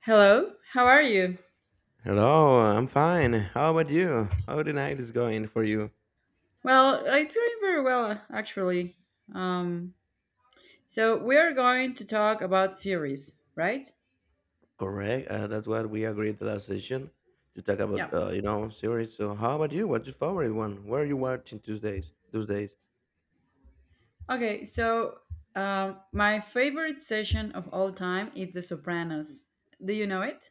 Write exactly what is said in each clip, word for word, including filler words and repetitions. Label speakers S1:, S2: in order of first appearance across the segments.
S1: Hello, how are you?
S2: Hello, I'm fine. How about you? How the night is going for you?
S1: Well, I'm doing very well, uh, actually. Um, so we are going to talk about series, right?
S2: Correct. Uh, that's what we agreed the last session to talk
S1: Yeah.
S2: about, uh, you know, series. So, how about you? What's your favorite one? Where are you watching these days? Those days?
S1: Okay, so um, my favorite session of all time is The Sopranos. Do you know it?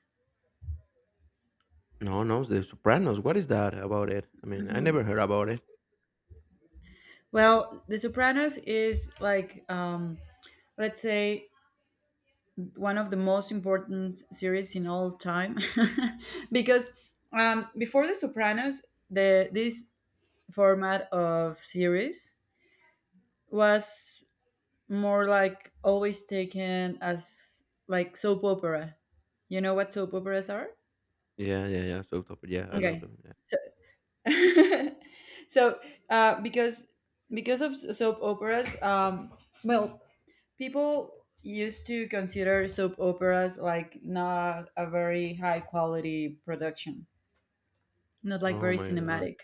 S2: No, no, The Sopranos. What is that about it? I mean, I never heard about it.
S1: Well, The Sopranos is like, um, let's say, one of the most important series in all time because um, before The Sopranos, the this format of series was more like always taken as like soap opera. You know what soap operas are?
S2: Yeah, yeah, yeah. So, top, yeah, I love
S1: Okay.
S2: them. Yeah.
S1: So, so uh, because because of s- soap operas, um, well, people used to consider soap operas like not a very high quality production, not like
S2: Oh
S1: very
S2: my god.
S1: cinematic.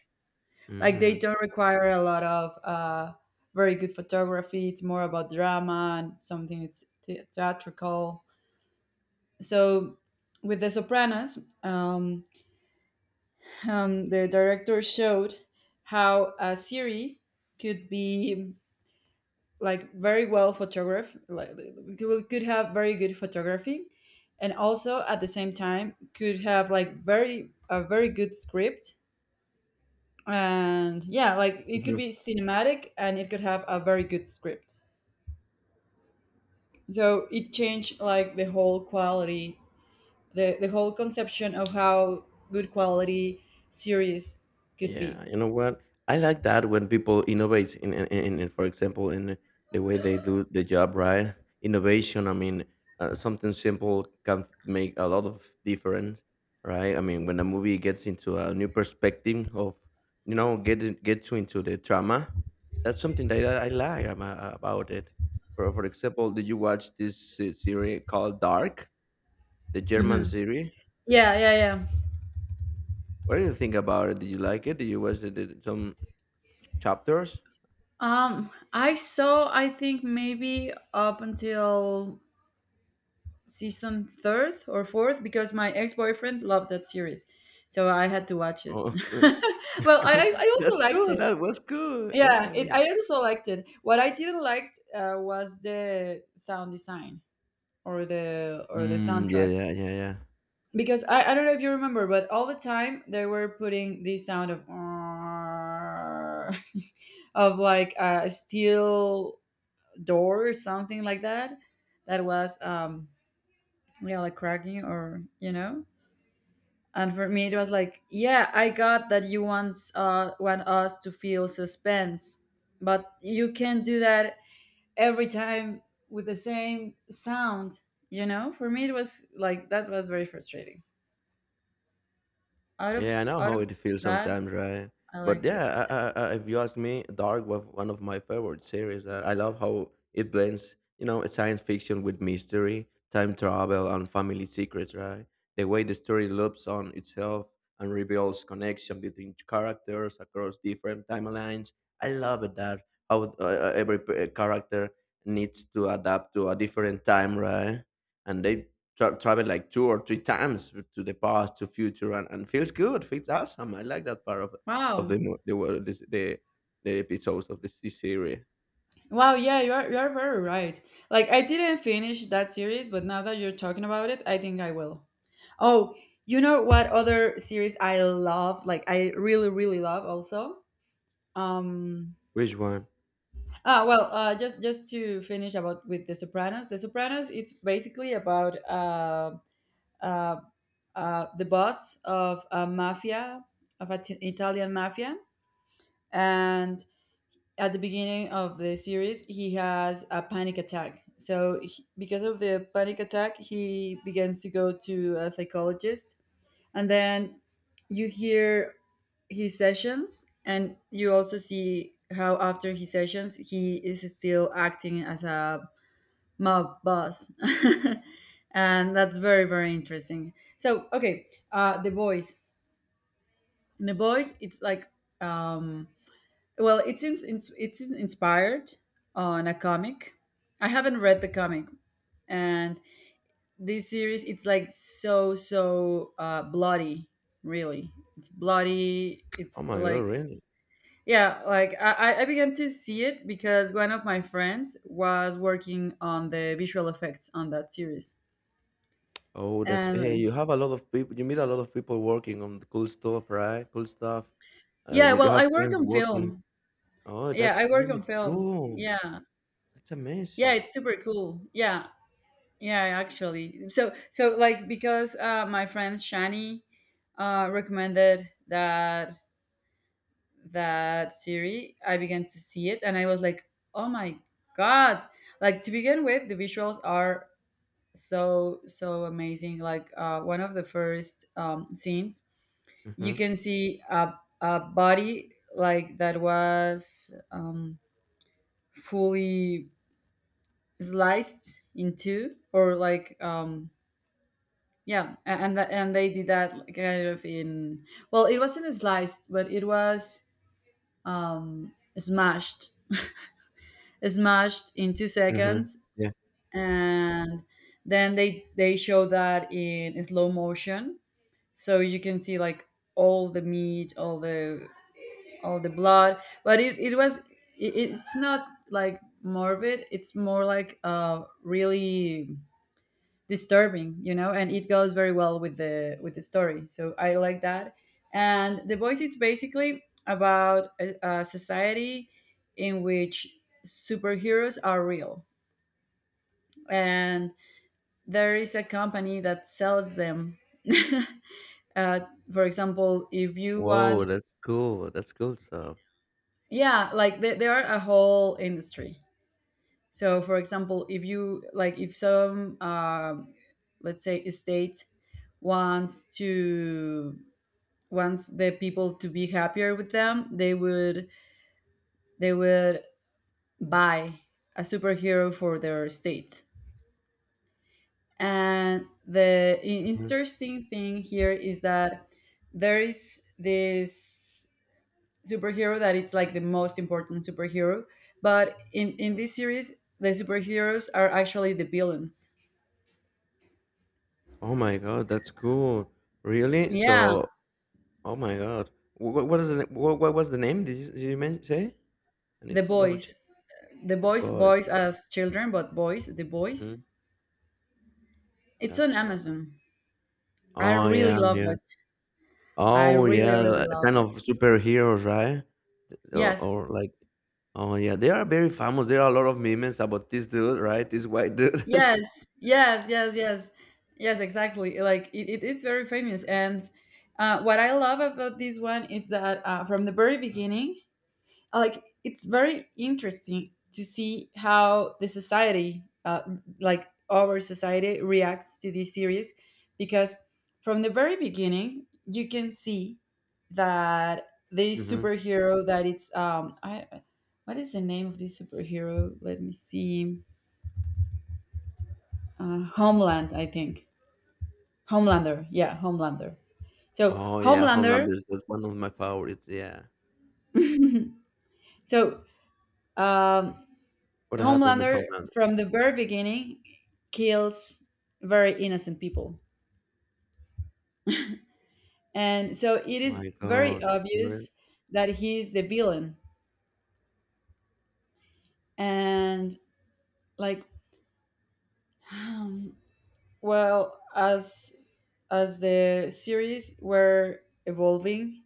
S1: Like they
S2: Mm-hmm.
S1: don't require a lot of uh, very good photography. It's more about drama and something it's the- theatrical. So with The Sopranos, um, um, the director showed how a series could be like very well photographed, like could could have very good photography, and also at the same time could have like very a very good script, and yeah, like it could be cinematic and it could have a very good script. So it changed like the whole quality, the, the whole conception of how good quality series could be.
S2: Yeah, you know what? I like that when people innovate in, in, in, in for example, in the way they do the job, right? Innovation, I mean, uh, something simple can make a lot of difference, right? I mean, when a movie gets into a new perspective of, you know, get in- get to into the drama, that's something that I, I like am- uh, about it. For, for example, did you watch this uh, series called Dark, the German
S1: Hmm.
S2: series?
S1: Yeah, yeah, yeah.
S2: What do you think about it? Did you like it? Did you watch the, the, some chapters?
S1: Um, I saw. I think maybe up until season third or fourth because my ex boyfriend loved that series, so I had to watch it.
S2: Oh,
S1: Well, I I I also
S2: that's
S1: liked
S2: good,
S1: it.
S2: that was good. Yeah,
S1: Yeah,
S2: I
S1: it, I
S2: mean.
S1: also liked it. What I didn't like uh, was the sound design or the or the
S2: Mm, yeah,
S1: soundtrack,
S2: yeah, yeah, yeah.
S1: because I, I don't know if you remember, but all the time they were putting the sound of of like a steel door or something like that, that was um yeah, like cracking, or you know. And for me, it was like, yeah, I got that you want uh want us to feel suspense, but you can't do that every time with the same sound. You know, for me it was like that was very frustrating. out of
S2: Yeah, I know
S1: out of
S2: how it feels
S1: that,
S2: sometimes, right?
S1: I
S2: But
S1: liked it.
S2: yeah, I, I, I- if you ask me, Dark was one of my favorite series. I, I love how it blends, you know, science fiction with mystery, time travel, and family secrets, right? The way the story loops on itself and reveals connection between characters across different timelines. I love it that how uh, uh, every p- uh, character needs to adapt to a different time, right? And they tra- travel like two or three times to the past to future, and, and feels good feels awesome, I like that part of of
S1: Wow.
S2: the mo- the world this, the the episodes of the C series.
S1: Wow, yeah, you are, you are very right. Like I didn't finish that series, but now that you're talking about it, I think I will. Oh, you know what other series I love, like I really, really love also, um
S2: Which one?
S1: ah, well, uh, just just to finish about with The Sopranos. The Sopranos, it's basically about uh, uh, uh, the boss of a mafia, of an Italian mafia, and at the beginning of the series, he has a panic attack. So he, because of the panic attack, he begins to go to a psychologist, and then you hear his sessions, and you also see how after his sessions he is still acting as a mob boss. And that's very, very interesting, so okay. uh The boys. In the boys, it's like, um well, it's in, it's it's inspired on a comic. I haven't read the comic. And this series, it's like so so uh bloody, really, it's bloody,
S2: Oh
S1: it's
S2: my god,
S1: like,
S2: really.
S1: yeah, like i i I began to see it because one of my friends was working on the visual effects on that series.
S2: Oh, that's hey,
S1: And
S2: you have a lot of people, you meet a lot of people working on the cool stuff, right? Cool stuff. Uh,
S1: yeah,
S2: you, you
S1: well,
S2: have
S1: I work
S2: friends
S1: on
S2: working.
S1: film.
S2: Oh,
S1: Yeah, I
S2: that's
S1: work on
S2: really
S1: film.
S2: cool.
S1: Yeah.
S2: That's
S1: Yeah,
S2: amazing.
S1: it's super cool. Yeah. Yeah, actually. So so like because uh my friend Shani uh recommended that that series, I began to see it and I was like, "Oh my god." Like to begin with, the visuals are so so amazing. Like uh one of the first um scenes, you
S2: Mm-hmm,
S1: can see a a body like that was um fully sliced in two, or like um yeah, a- and that, and they did that like, kind of in, well, it wasn't sliced, but it was um smashed, smashed in two
S2: mm-hmm.
S1: seconds
S2: Yeah.
S1: And then they they show that in slow motion, so you can see like all the meat, all the all the blood. But it, it was, it, it's not like morbid, it's more like uh really disturbing, you know, and it goes very well with the with the story, so I like that. And The Voice, it's basically about a, a society in which superheroes are real, and there is a company that sells them. uh, for example, if you
S2: Whoa,
S1: want,
S2: that's cool, that's cool stuff.
S1: yeah, like they, they are a whole industry. So for example, if you like, if some um let's say estate wants to, wants the people to be happier with them, they would, they would buy a superhero for their state. And the i-
S2: Mhm.
S1: interesting thing here is that there is this superhero that it's like the most important superhero, but in in this series, the superheroes are actually the villains.
S2: Oh my god, that's cool. Really,
S1: Yeah,
S2: so. Oh my god. What what is the what what was the name? Did you, did you men- say? I
S1: The
S2: need to double
S1: Boys.
S2: check.
S1: The
S2: The
S1: Boys,
S2: boys.
S1: boys as children, but boys, The Boys.
S2: Hmm.
S1: It's on
S2: That's why.
S1: Amazon. I
S2: Oh yeah,
S1: really
S2: I'm
S1: love
S2: here.
S1: it. I
S2: Oh yeah,
S1: really, really
S2: like,
S1: love
S2: kind
S1: it.
S2: of superheroes, right? Or,
S1: Yes,
S2: or like, oh yeah, they are very famous. There are a lot of memes about this dude, right? This white dude.
S1: yes, yes, yes, yes, yes, exactly. Like it, it, it's very famous. And uh, what I love about this one is that uh, from the very beginning, like it's very interesting to see how the society uh, like our society reacts to this series, because from the very beginning you can see that this
S2: Hmm.
S1: superhero that it's um I, what is the name of this superhero, let me see. Uh, homeland, I think. Homelander, yeah, Homelander. So
S2: Oh yeah,
S1: Homelander,
S2: Homelander is one of my favorites. Yeah.
S1: so um
S2: What happened with
S1: Homelander,
S2: Homelander?
S1: from the very beginning, kills very innocent people. And so it is
S2: My
S1: very
S2: god.
S1: obvious that he's the villain. And like, well, as as the series were evolving,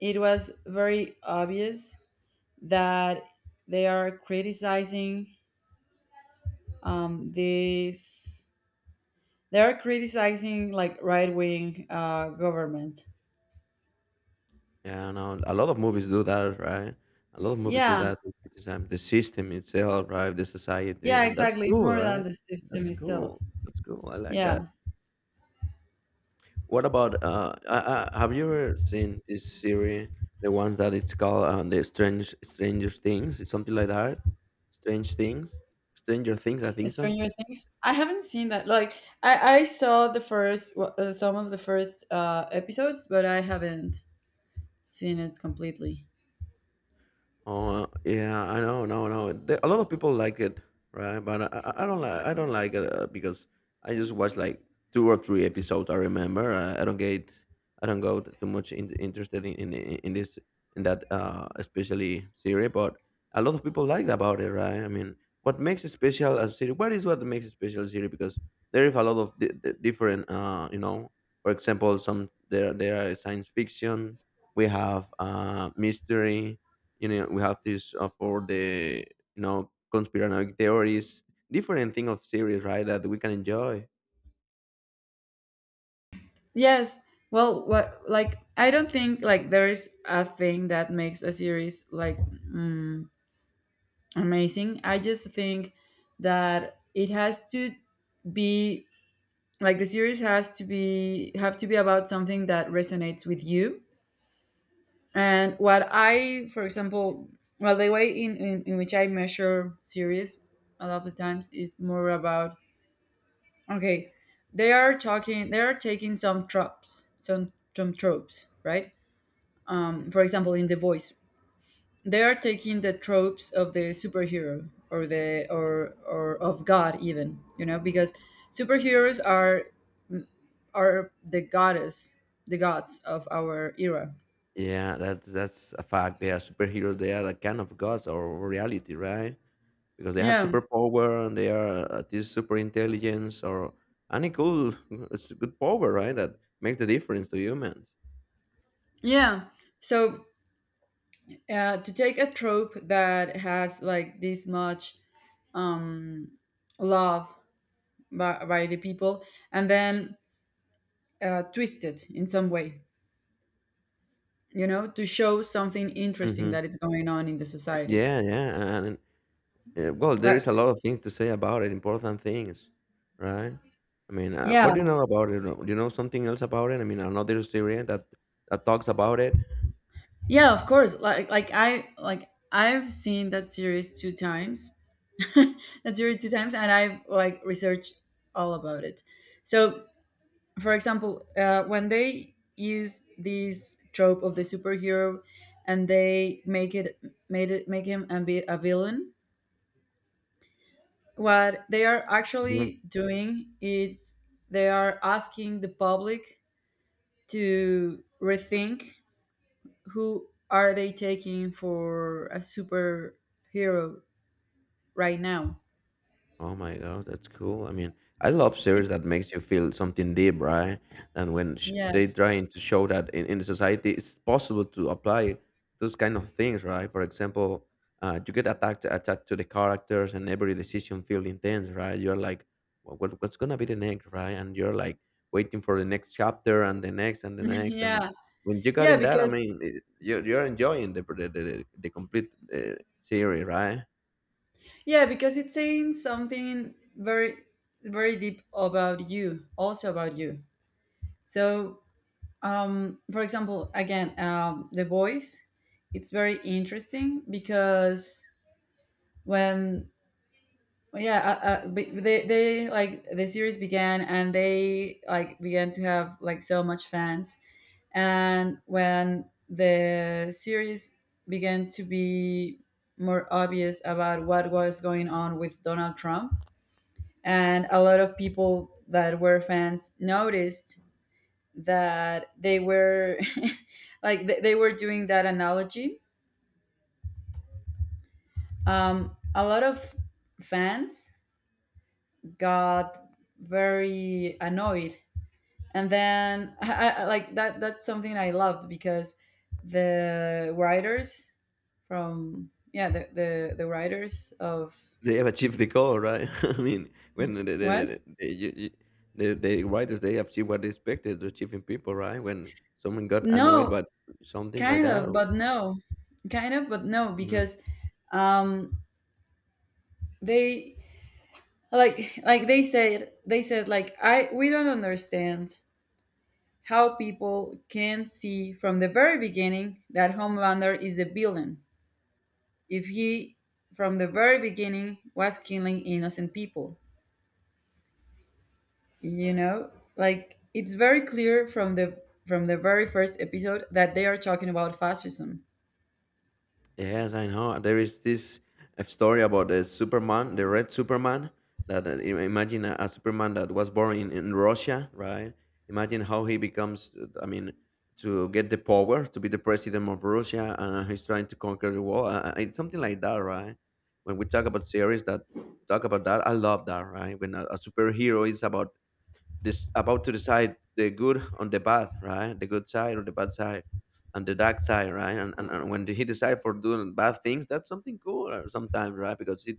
S1: it was very obvious that they are criticizing um, this. They are criticizing like right wing uh, government.
S2: Yeah, no. A lot of movies do that, right? A lot of movies do
S1: Yeah,
S2: that to criticize the system itself, right? The society,
S1: yeah,
S2: and that's
S1: exactly. It's
S2: cool,
S1: more than
S2: right?
S1: the system
S2: That's
S1: itself.
S2: cool. That's cool. I like that.
S1: Yeah,
S2: What about uh, uh, uh, have you ever seen this series, the ones that it's called uh, the Strange Stranger Things? It's something like that. Strange Things, Stranger Things. I think so.
S1: Stranger Things. I haven't seen that. Like, I I saw the first, well, uh, some of the first uh, episodes, but I haven't seen it completely.
S2: Oh yeah, I know, no, no. There, a lot of people like it, right? But I, I I don't like, I don't like it uh, because I just watch like two or three episodes. I remember. I, I don't get, I don't go too much in, interested in, in in this in that uh especially series. But a lot of people like about it, right? I mean, what makes it special as a series? What is what makes it special as a series? Because there is a lot of di- di- different, uh, you know, for example, some there there are science fiction. We have uh mystery, you know, we have this uh, for the you know conspiranoid theories, different thing of series right that we can enjoy.
S1: Yes. Well, what, like I don't think like there is a thing that makes a series like mm, amazing. I just think that it has to be like the series has to be, have to be about something that resonates with you. And what I, for example, well, the way in, in, in which I measure series a lot of the times is more about, okay, they are talking, they are taking some tropes, some some tropes, right? Um, for example, in The Voice, they are taking the tropes of the superhero, or the, or or of God even, you know, because superheroes are are the goddess, the gods of our era.
S2: Yeah, that's that's a fact, they are superheroes, they are a kind of gods or reality, right? Because they have
S1: Yeah,
S2: superpower and they are at this super intelligence or any cool it's a good power right that makes the difference to humans.
S1: yeah. So uh, to take a trope that has like this much um, love by, by the people, and then uh, twist it in some way, you know, to show something interesting
S2: Hmm,
S1: that is going on in the society.
S2: yeah, yeah, and yeah, well, there
S1: But
S2: is a lot of things to say about it, important things, right? I mean, uh, what
S1: yeah,
S2: do you know about it? Do you know something else about it? I mean, another series that that talks about it.
S1: yeah, of course. Like, like I, like I've seen that series two times, that series two times, and I've like researched all about it. So for example, uh, when they use this trope of the superhero and they make it, made it make him a, bi- a villain, what they are
S2: Mm-hmm.
S1: actually doing is they are asking the public to rethink who are they taking for a superhero right now.
S2: Oh my God, that's cool. I mean, I love series that
S1: It's,
S2: makes you feel something deep, right? And when sh they
S1: yes.
S2: trying to show that in, in the society, it's possible to apply those kind of things, right? For example, uh, you get attacked attached to the characters, and every decision feel intense, right? You're like, "Wha- what, what's gonna be the next, right? And you're like waiting for the next chapter and the next and the next, and
S1: Yeah.
S2: when you got
S1: Yeah,
S2: in that, I
S1: because,
S2: mean, it, you're you're enjoying the the the, the complete uh, series, right?
S1: yeah, because it's saying something very, very deep about you, also about you. So, um, for example, again, um, The Voice, it's very interesting because when, yeah, uh, uh, be- they, they like the series began and they like began to have like so much fans. And when the series began to be more obvious about what was going on with Donald Trump, and a lot of people that were fans noticed that they were like th- they were doing that analogy, um, a lot of fans got very annoyed. And then I, I, I- like that, that's something I loved, because the writers, from, yeah, the, the the writers of,
S2: They have achieved the goal, right? I mean, when the the
S1: what,
S2: the, the, you, you, the, the writers they achieve what they expected to achieve in people, right? When someone got annoyed
S1: no,
S2: by something like
S1: kind
S2: that,
S1: of,
S2: or,
S1: but no, kind of, but no,
S2: mm-hmm.
S1: because um they, like like they said, they said, like, I, we don't understand how people can see from the very beginning that Homelander is a villain, if he from the very beginning was killing innocent people, you know. Like it's very clear from the, from the very first episode that they are talking about fascism.
S2: Yes, I know. There is this uh, story about the Superman, the red Superman. That uh, im- imagine a, a Superman that was born in, in Russia, right? Imagine how he becomes. Uh, I mean, to get the power to be the president of Russia, and he's trying to conquer the world. Uh, uh, it's something like that, right? When we talk about series that talk about that, I love that, right? When a, a superhero is about this about to decide the good on the bad, right? The good side or the bad side, and the dark side, right? And and, and when he decide for doing bad things, that's something cool uh, sometimes, right? Because it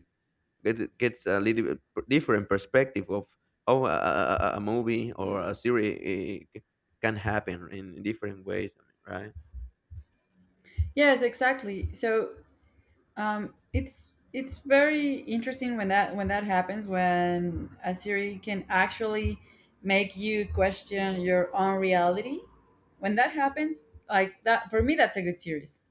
S2: get, gets a little bit per- different perspective of how a, a, a a movie or a series uh, c- can happen in different ways, I mean, right?
S1: Yes, exactly. So Um, it's it's very interesting when that, when that happens, when a series can actually make you question your own reality. When that happens, like that for me, that's a good series.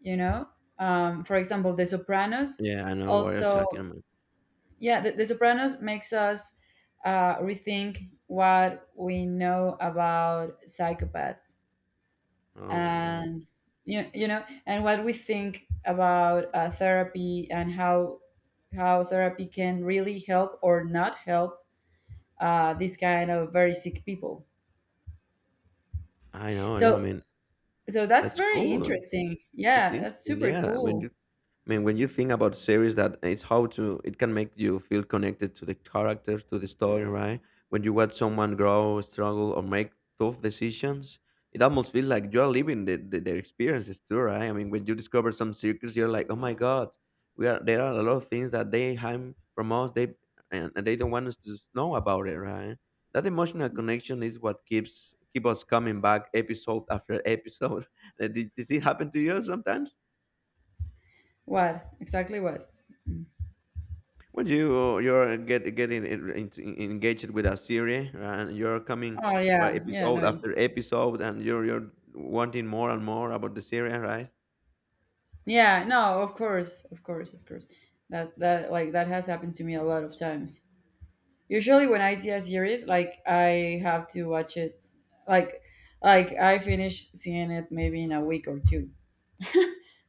S1: You know, um, for example, The Sopranos.
S2: Yeah, I know what you're talking
S1: Also,
S2: about.
S1: yeah, The, the Sopranos makes us uh, rethink what we know about psychopaths,
S2: Oh my god,
S1: and you, you know, and what we think about uh, therapy, and how how therapy can really help or not help uh, these kind of very sick people.
S2: I know, I know. I
S1: So
S2: mean,
S1: so that's
S2: that's
S1: very
S2: cool.
S1: interesting,
S2: It's
S1: yeah, that's
S2: interesting.
S1: super
S2: Yeah, when
S1: cool.
S2: you I mean, when you think about series, that it's how to it can make you feel connected to the characters, to the story, right? When you watch someone grow, struggle, or make tough decisions, it almost feels like you are living the, the, their experiences too, right? I mean, when you discover some secrets, you're like, oh my god, we are there are a lot of things that they hide from us, they and, and they don't want us to s- know about it, right? That emotional connection is what keeps keep us coming back episode after episode. Uh, Did, did it happen to you sometimes?
S1: What, exactly what. Mm.
S2: When you you're get getting en- into, engaged with a series and you're coming
S1: Oh
S2: well,
S1: yeah, yeah,
S2: episode
S1: no,
S2: after episode and you're you're wanting more and more about the series, right?
S1: yeah, no, of course, of course, of course. That that like that has happened to me a lot of times. Usually, when I see a series, like I have to watch it, like like I finish seeing it maybe in a week or two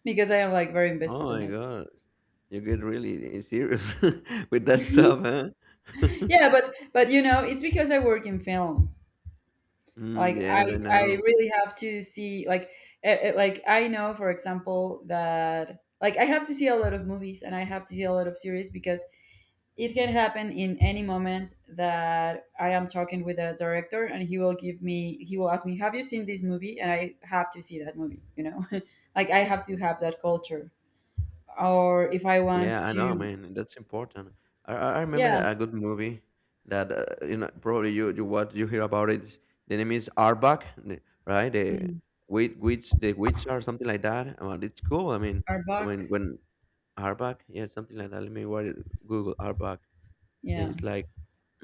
S1: because I am like very
S2: Oh
S1: invested in
S2: my
S1: it.
S2: god, you get really serious with that stuff, huh?
S1: Yeah, but but you know, it's because I work in film.
S2: Mm,
S1: Like
S2: yes,
S1: I
S2: I
S1: I
S2: know.
S1: really have to see like eh, eh, like I know for example that like I have to see a lot of movies and I have to see a lot of series because it can happen in any moment that I am talking with a director and he will give me he will ask me, have you seen this movie? And I have to see that movie, you know? Like I have to have that culture. Or if I want
S2: Yeah, I know,
S1: to
S2: man. That's important. I, I I remember
S1: yeah.
S2: a good movie that uh, you know probably you you what you hear about it. The name is Arbok, n- right? The
S1: Mhm.
S2: witch, witch, the witch or something like that. I mean, it's cool. I mean,
S1: Our
S2: I
S1: buck.
S2: mean when Arbok, yeah, something like that. Let me write it, Google Arbok.
S1: Yeah.
S2: It's like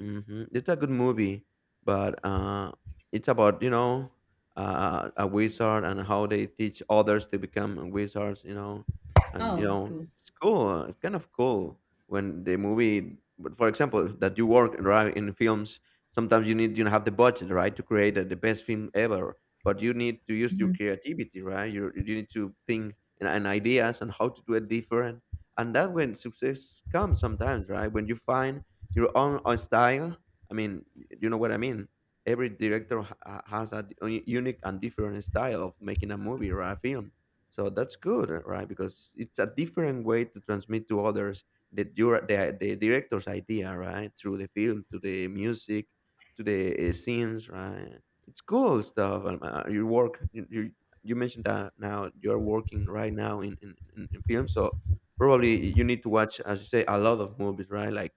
S2: mhm. It's a good movie, but uh, it's about you know uh, a wizard and how they teach others to become wizards. You know, and you
S1: Oh, that's
S2: know
S1: cool.
S2: it's cool. It's kind of cool when the movie, but for example, that you work right in films. Sometimes you need you have the budget right to create the the best film ever, but you need to use your
S1: Mhm.
S2: creativity right. You you need to think and, and ideas and how to do it different. And that when success comes sometimes right when you find your own uh, style. I mean, you know what I mean. Every director ha- has a d- unique and different style of making a movie or a film. So that's good, right? Because it's a different way to transmit to others the your the, the director's idea, right? Through the film, to the music, to the uh, scenes, right? It's cool stuff. Um, uh, your work, you, you you mentioned that now you're working right now in in, in in film, so probably you need to watch, as you say, a lot of movies, right? Like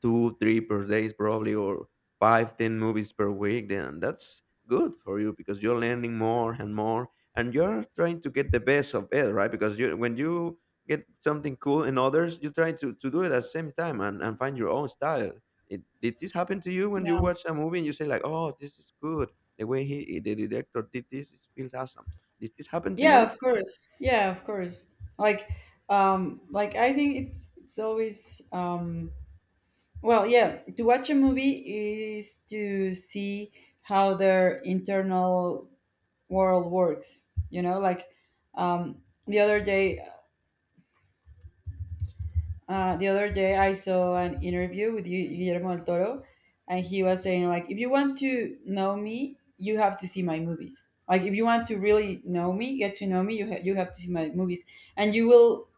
S2: two, three per days probably, or five, ten movies per week, then that's good for you because you're learning more and more, and you're trying to get the best of it, right? Because you, when you get something cool in others, you try to, to do it at the same time and, and find your own style. It, did this happen to you when you
S1: Yeah.
S2: watch a movie and you say like, "Oh, this is good. The way he, the director did this, it feels awesome." Did this happen to
S1: Yeah,
S2: you?
S1: of course. Yeah, of course. Like um like I think it's it's always um well, yeah, to watch a movie is to see how their internal world works. You know, like um, the other day, uh, the other day I saw an interview with Gu- Guillermo del Toro, and he was saying like, if you want to know me, you have to see my movies. Like, if you want to really know me, get to know me, you ha- you have to see my movies, and you will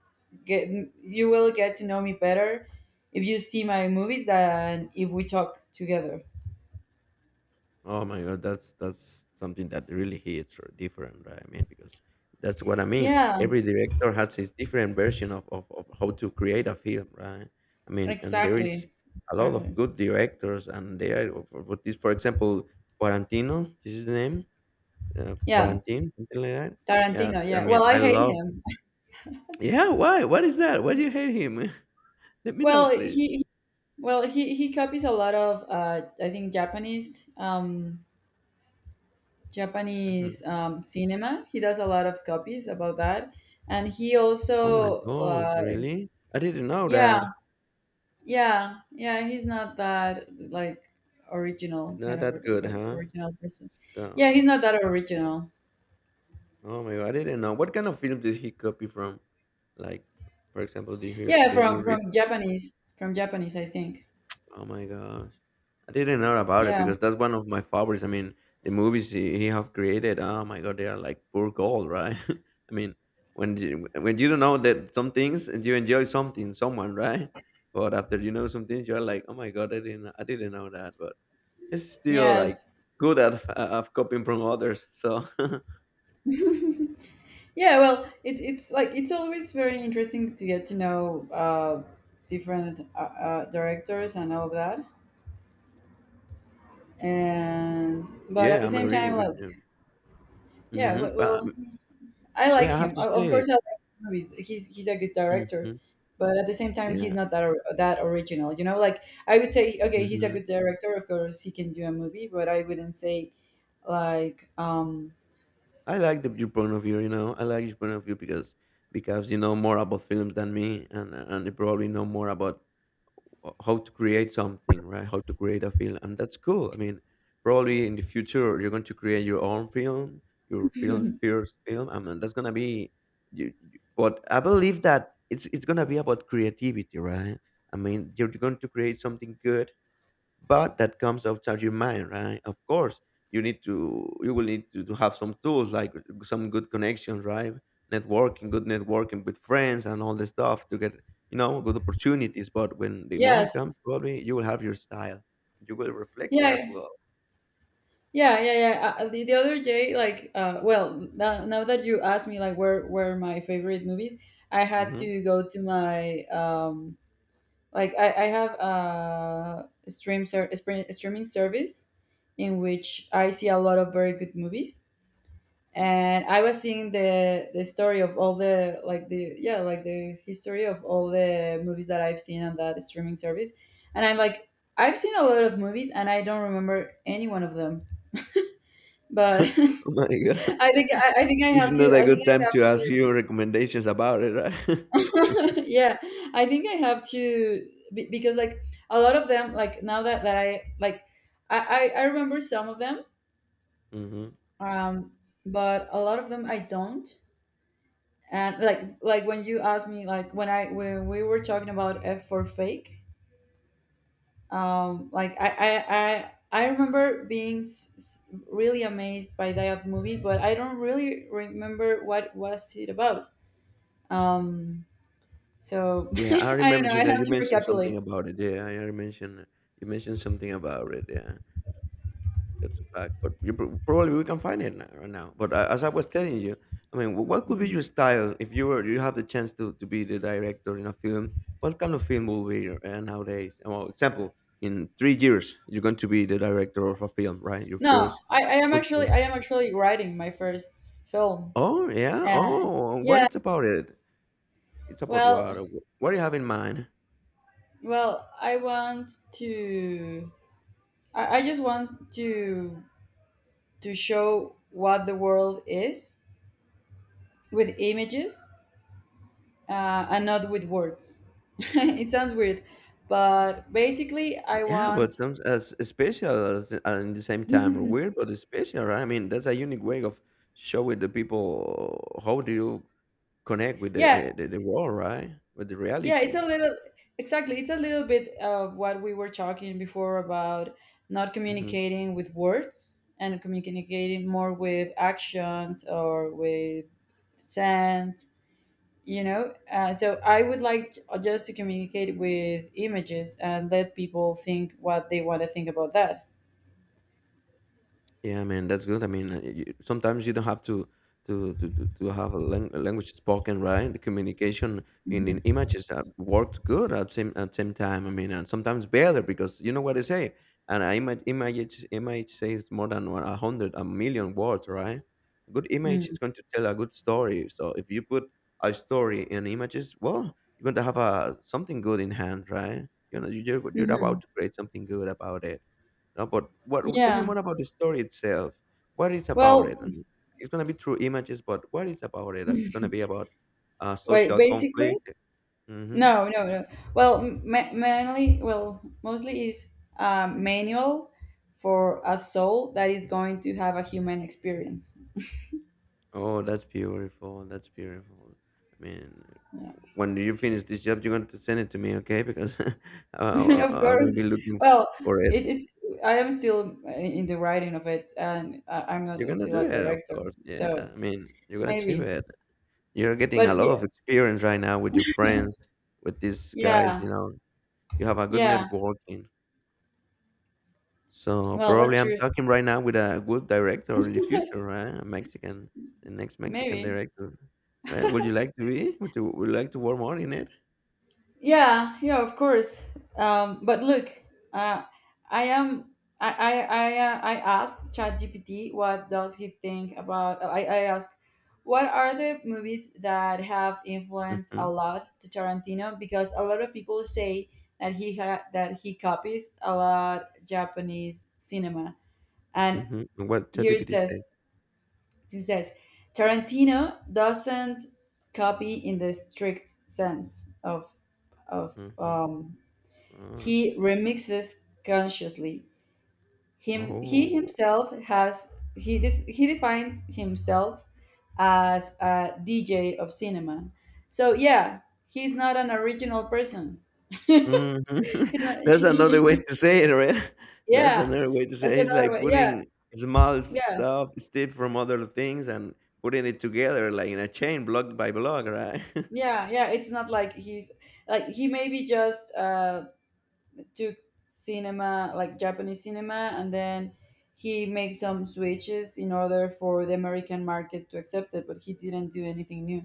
S1: get you will get to know me better if you see my movies than if we talk together.
S2: Oh my god, that's that's something that really hits or different, right? I mean, because that's what I mean.
S1: Yeah.
S2: Every director has his different version of, of, of how to create a film, right? I mean, and there is
S1: Exactly.
S2: a lot of
S1: Exactly.
S2: good directors, and they are for, for this, for example, Quarantino. This is the name, uh,
S1: Yeah,
S2: Quarantine, something like that. Yeah,
S1: Tarantino.
S2: I
S1: Yeah. Well,
S2: mean,
S1: I
S2: I
S1: hate
S2: love.
S1: him.
S2: Yeah, why? What is that? Why do you hate him? Let me know,
S1: Well, he
S2: please.
S1: he- well he he copies a lot of uh I think Japanese um Japanese
S2: Mhm.
S1: um cinema. He does a lot of copies about that. And he
S2: Oh my
S1: also
S2: gosh,
S1: uh
S2: really? I didn't know
S1: yeah,
S2: that.
S1: yeah. Yeah, he's not that like
S2: It's
S1: original kind
S2: not
S1: of
S2: that good,
S1: like
S2: huh?
S1: original person. Yeah,
S2: So.
S1: he's not that original.
S2: Oh my god, I didn't know. What kind of film did he copy from? Like, for example, did you hear,
S1: Yeah,
S2: did you
S1: from
S2: read?
S1: from Japanese, from Japanese I think.
S2: Oh my gosh, I didn't know about it
S1: Yeah.
S2: because that's one of my favorites. I mean, the movies he, he have created. Oh my god, they are like pure gold, right? I mean, when you, when you don't know that some things and you enjoy something, someone, right? But after you know some things, you're like, oh my god, I didn't I didn't know that. But he's still
S1: Yes.
S2: like good at uh, of copying from others. So
S1: Yeah, well, it, it's like it's always very interesting to get to know uh, different uh, uh, directors and all of that. And but at
S2: yeah,
S1: the
S2: I'm
S1: same
S2: agree
S1: time,
S2: with
S1: like
S2: you.
S1: yeah,
S2: hmm
S1: well,
S2: But
S1: well I like
S2: yeah, I have
S1: him.
S2: to
S1: O- Of
S2: say it.
S1: course, I like his movies. He's he's a good director,
S2: Mhm.
S1: but at the same time, he's
S2: Yeah,
S1: not that or- that original. You know, like I would say, okay, he's a
S2: mhm.
S1: good director. Of course, he can do a movie, but I wouldn't say like um
S2: I like the your point of view, you know? I like your point of view because because you know more about films than me and and you probably know more about h how to create something, right? How to create a film, and that's cool. I mean, probably in the future, you're going to create your own film, your film first film, I mean, that's gonna be you, you- but I believe that it's it's gonna be about creativity, right? I mean, you're going to create something good but that comes out of your mind, right? Of course you need to, you will need to, to have some tools like some good connections, right? Networking, good networking with friends and all this stuff to get, you know, good opportunities, but when the moment comes,
S1: yes,
S2: probably you will have your style, you will reflect it as
S1: yeah,
S2: well.
S1: yeah, yeah, yeah. Uh, uh, the, the other day, like, uh, well, now, now that you asked me, like, where were my favorite movies, I had
S2: Hmm.
S1: to go to my, um, like, I, I have a stream ser- spre- streaming service in which I see a lot of very good movies. And I was seeing the the story of all the like the yeah like the history of all the movies that I've seen on that streaming service, and I'm like I've seen a lot of movies and I don't remember any one of them, but
S2: Oh my god.
S1: I think I, I think I
S2: This is
S1: have
S2: not
S1: to.
S2: a
S1: I think
S2: good time
S1: I,
S2: to ask you recommendations about it, right?
S1: Yeah. I think I have to be- because like a lot of them like now that that I like I I, I remember some of them
S2: Hmm.
S1: um but a lot of them I don't. And like like when you asked me, like, when I when we were talking about F for Fake, um like I I I. I remember being s- s- really amazed by that movie, but I don't really remember what was it about. Um, So
S2: Yeah, I
S1: I don't
S2: remember
S1: know.
S2: you
S1: I
S2: that
S1: have
S2: you
S1: to
S2: mentioned
S1: recapitulate.
S2: something about it, yeah, i I mentioned you mentioned something about it, yeah. It's a fact, but you pro- probably we can find it now, right now. But uh, as I was telling you, I mean, wh- what could be your
S1: Mhm.
S2: style if you were you have the chance to, to be the director in a film? What kind of film will be your- uh, nowadays? Uh, Well, example, in three years, you're going to be the director of a film, right? Your
S1: No,
S2: first
S1: I, I am
S2: good
S1: actually
S2: film.
S1: I am actually writing my first film.
S2: Oh yeah.
S1: Uh,
S2: Oh, what
S1: yeah.
S2: it's about it? It's about
S1: Well,
S2: what? Uh, wh- What do you have in mind?
S1: well, I want to. I, I just want to to show what the world is with images uh, and not with words. It sounds weird, but basically, I
S2: Yeah, but
S1: want.
S2: some as special as and the same time or
S1: Yeah,
S2: weird, but it's special, right? I mean, that's a unique way of showing the people how do you connect with the eh, the, the world, right? With the
S1: yeah, it's a
S2: reality.
S1: little, exactly. It's a little bit of what we were talking before about not
S2: Mm-hmm.
S1: communicating with words and communicating more with actions or with sense. You know? Uh, so I would like just to communicate with images and let people think what they want to think about that.
S2: Yeah, man, that's good. I mean, uh, y- sometimes you don't have to to to to to have a, lang a language spoken, right? The communication in, in images uh, works good at same at same time. I mean, and sometimes better because you know what they say. And an image image image says more than one- a hundred a million words, right? A good image
S1: Hmm.
S2: is going to tell a good story. So if you put a story in images, well, you're going to have a something good in hand, right? You know, you're you're about
S1: Hmm.
S2: to create something good about it. No, but what? Tell me
S1: Yeah.
S2: more about the story itself. What is about
S1: Well,
S2: it? I mean, it's gonna be through images, but what is about it? It's gonna be about uh,
S1: wait,
S2: social
S1: basically,
S2: conflict. Hmm.
S1: no, no, no. Well, ma- mainly, well, mostly is a manual for a soul that is going to have a human experience.
S2: Oh, that's beautiful. That's beautiful. I mean, when you finish this job, you're going to send it to me, okay? Because I,
S1: Of
S2: I, I will
S1: course.
S2: be looking
S1: Well,
S2: for
S1: it,
S2: it.
S1: it's I am still uh, in the writing of it, and I- I'm not
S2: You're gonna
S1: still
S2: do
S1: a
S2: it, of
S1: director,
S2: course. Yeah,
S1: so
S2: I mean, you're gonna achieve
S1: maybe.
S2: it. You're getting a
S1: But
S2: lot
S1: yeah,
S2: of experience right now with your friends, with these guys.
S1: yeah,
S2: You know, you have a good
S1: yeah.
S2: networking. So
S1: Well,
S2: probably
S1: that's
S2: I'm
S1: true.
S2: talking right now with a good director in the future, right? A Mexican, the next Mexican
S1: Maybe.
S2: director. Right? Would you like to be? Would you, would you like to work more in it?
S1: Yeah, yeah, of course. Um, but look, uh, I am. I I I, uh, I asked ChatGPT what does he think about. I I asked, what are the movies that have influenced a
S2: Mm-hmm.
S1: lot to Tarantino? Because a lot of people say that he ha- that he copies a lot Japanese cinema, and
S2: Mm-hmm. And what
S1: here it
S2: ChatGPT said.
S1: says it says Tarantino doesn't copy in the strict sense of of
S2: Mm-hmm.
S1: um
S2: Oh.
S1: he remixes consciously. Him, he
S2: Oh.
S1: himself has he dis, he defines himself as a D J of cinema. So yeah, he's not an original person. He's
S2: Mm-hmm.
S1: not-
S2: That's another way to say it, right? That's
S1: yeah,
S2: another way to say
S1: that's
S2: it. He's
S1: another
S2: like
S1: way. Yeah,
S2: putting small
S1: yeah,
S2: stuff, stuff from other things, and putting it together like in a chain, block by block, right?
S1: yeah, yeah. It's not like he's like he maybe just uh took cinema, like Japanese cinema, and then he made some switches in order for the American market to accept it, but he didn't do anything new.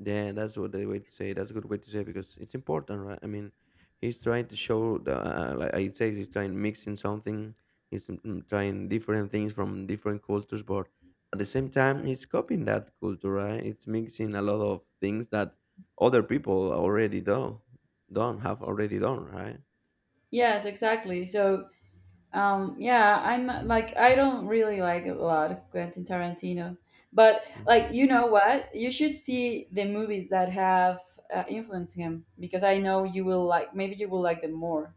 S2: Yeah, that's what the way to say. That's a good way to say it because it's important, right? I mean, he's trying to show the uh, like I say, he's trying mixing something. He's mm, mm, trying different things from different cultures, but at the same time, he's copying that culture, right? It's mixing a lot of things that other people already do, done have already done, right?
S1: Yes, exactly. So um yeah, I'm not, like I don't really like a lot Quentin Tarantino, but like
S2: Mm-hmm.
S1: you know what, you should see the movies that have uh, influenced him because I know you will like maybe you will like them more.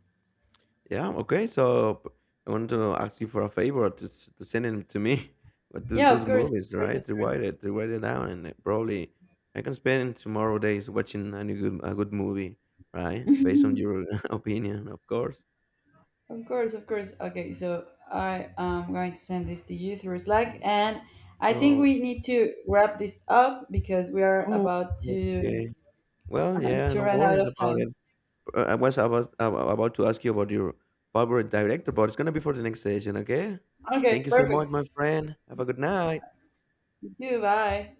S2: Yeah, okay. So p- I want to ask you for a favor to, s- to send them to me. But th-
S1: Yeah, of
S2: those
S1: course, of
S2: movies,
S1: course, of
S2: right? To write it, to write it down, and it probably I can spend tomorrow days watching any good a good movie, right?
S1: course.
S2: Based on your opinion, of course.
S1: Of course, of course. Okay, so I am going to send this to you through Slack,
S2: Mm.
S1: and I think
S2: So,
S1: we need to wrap this up because we are
S2: oh,
S1: about to
S2: okay. Well, yeah,
S1: to
S2: no
S1: run out
S2: worries
S1: of
S2: about it.
S1: time.
S2: Uh, I was about ab- about to ask you about your favorite director, but it's gonna be for the next session, okay?
S1: Okay,
S2: Thank you so much,
S1: perfect.
S2: my friend. Have a good night.
S1: You too. Bye.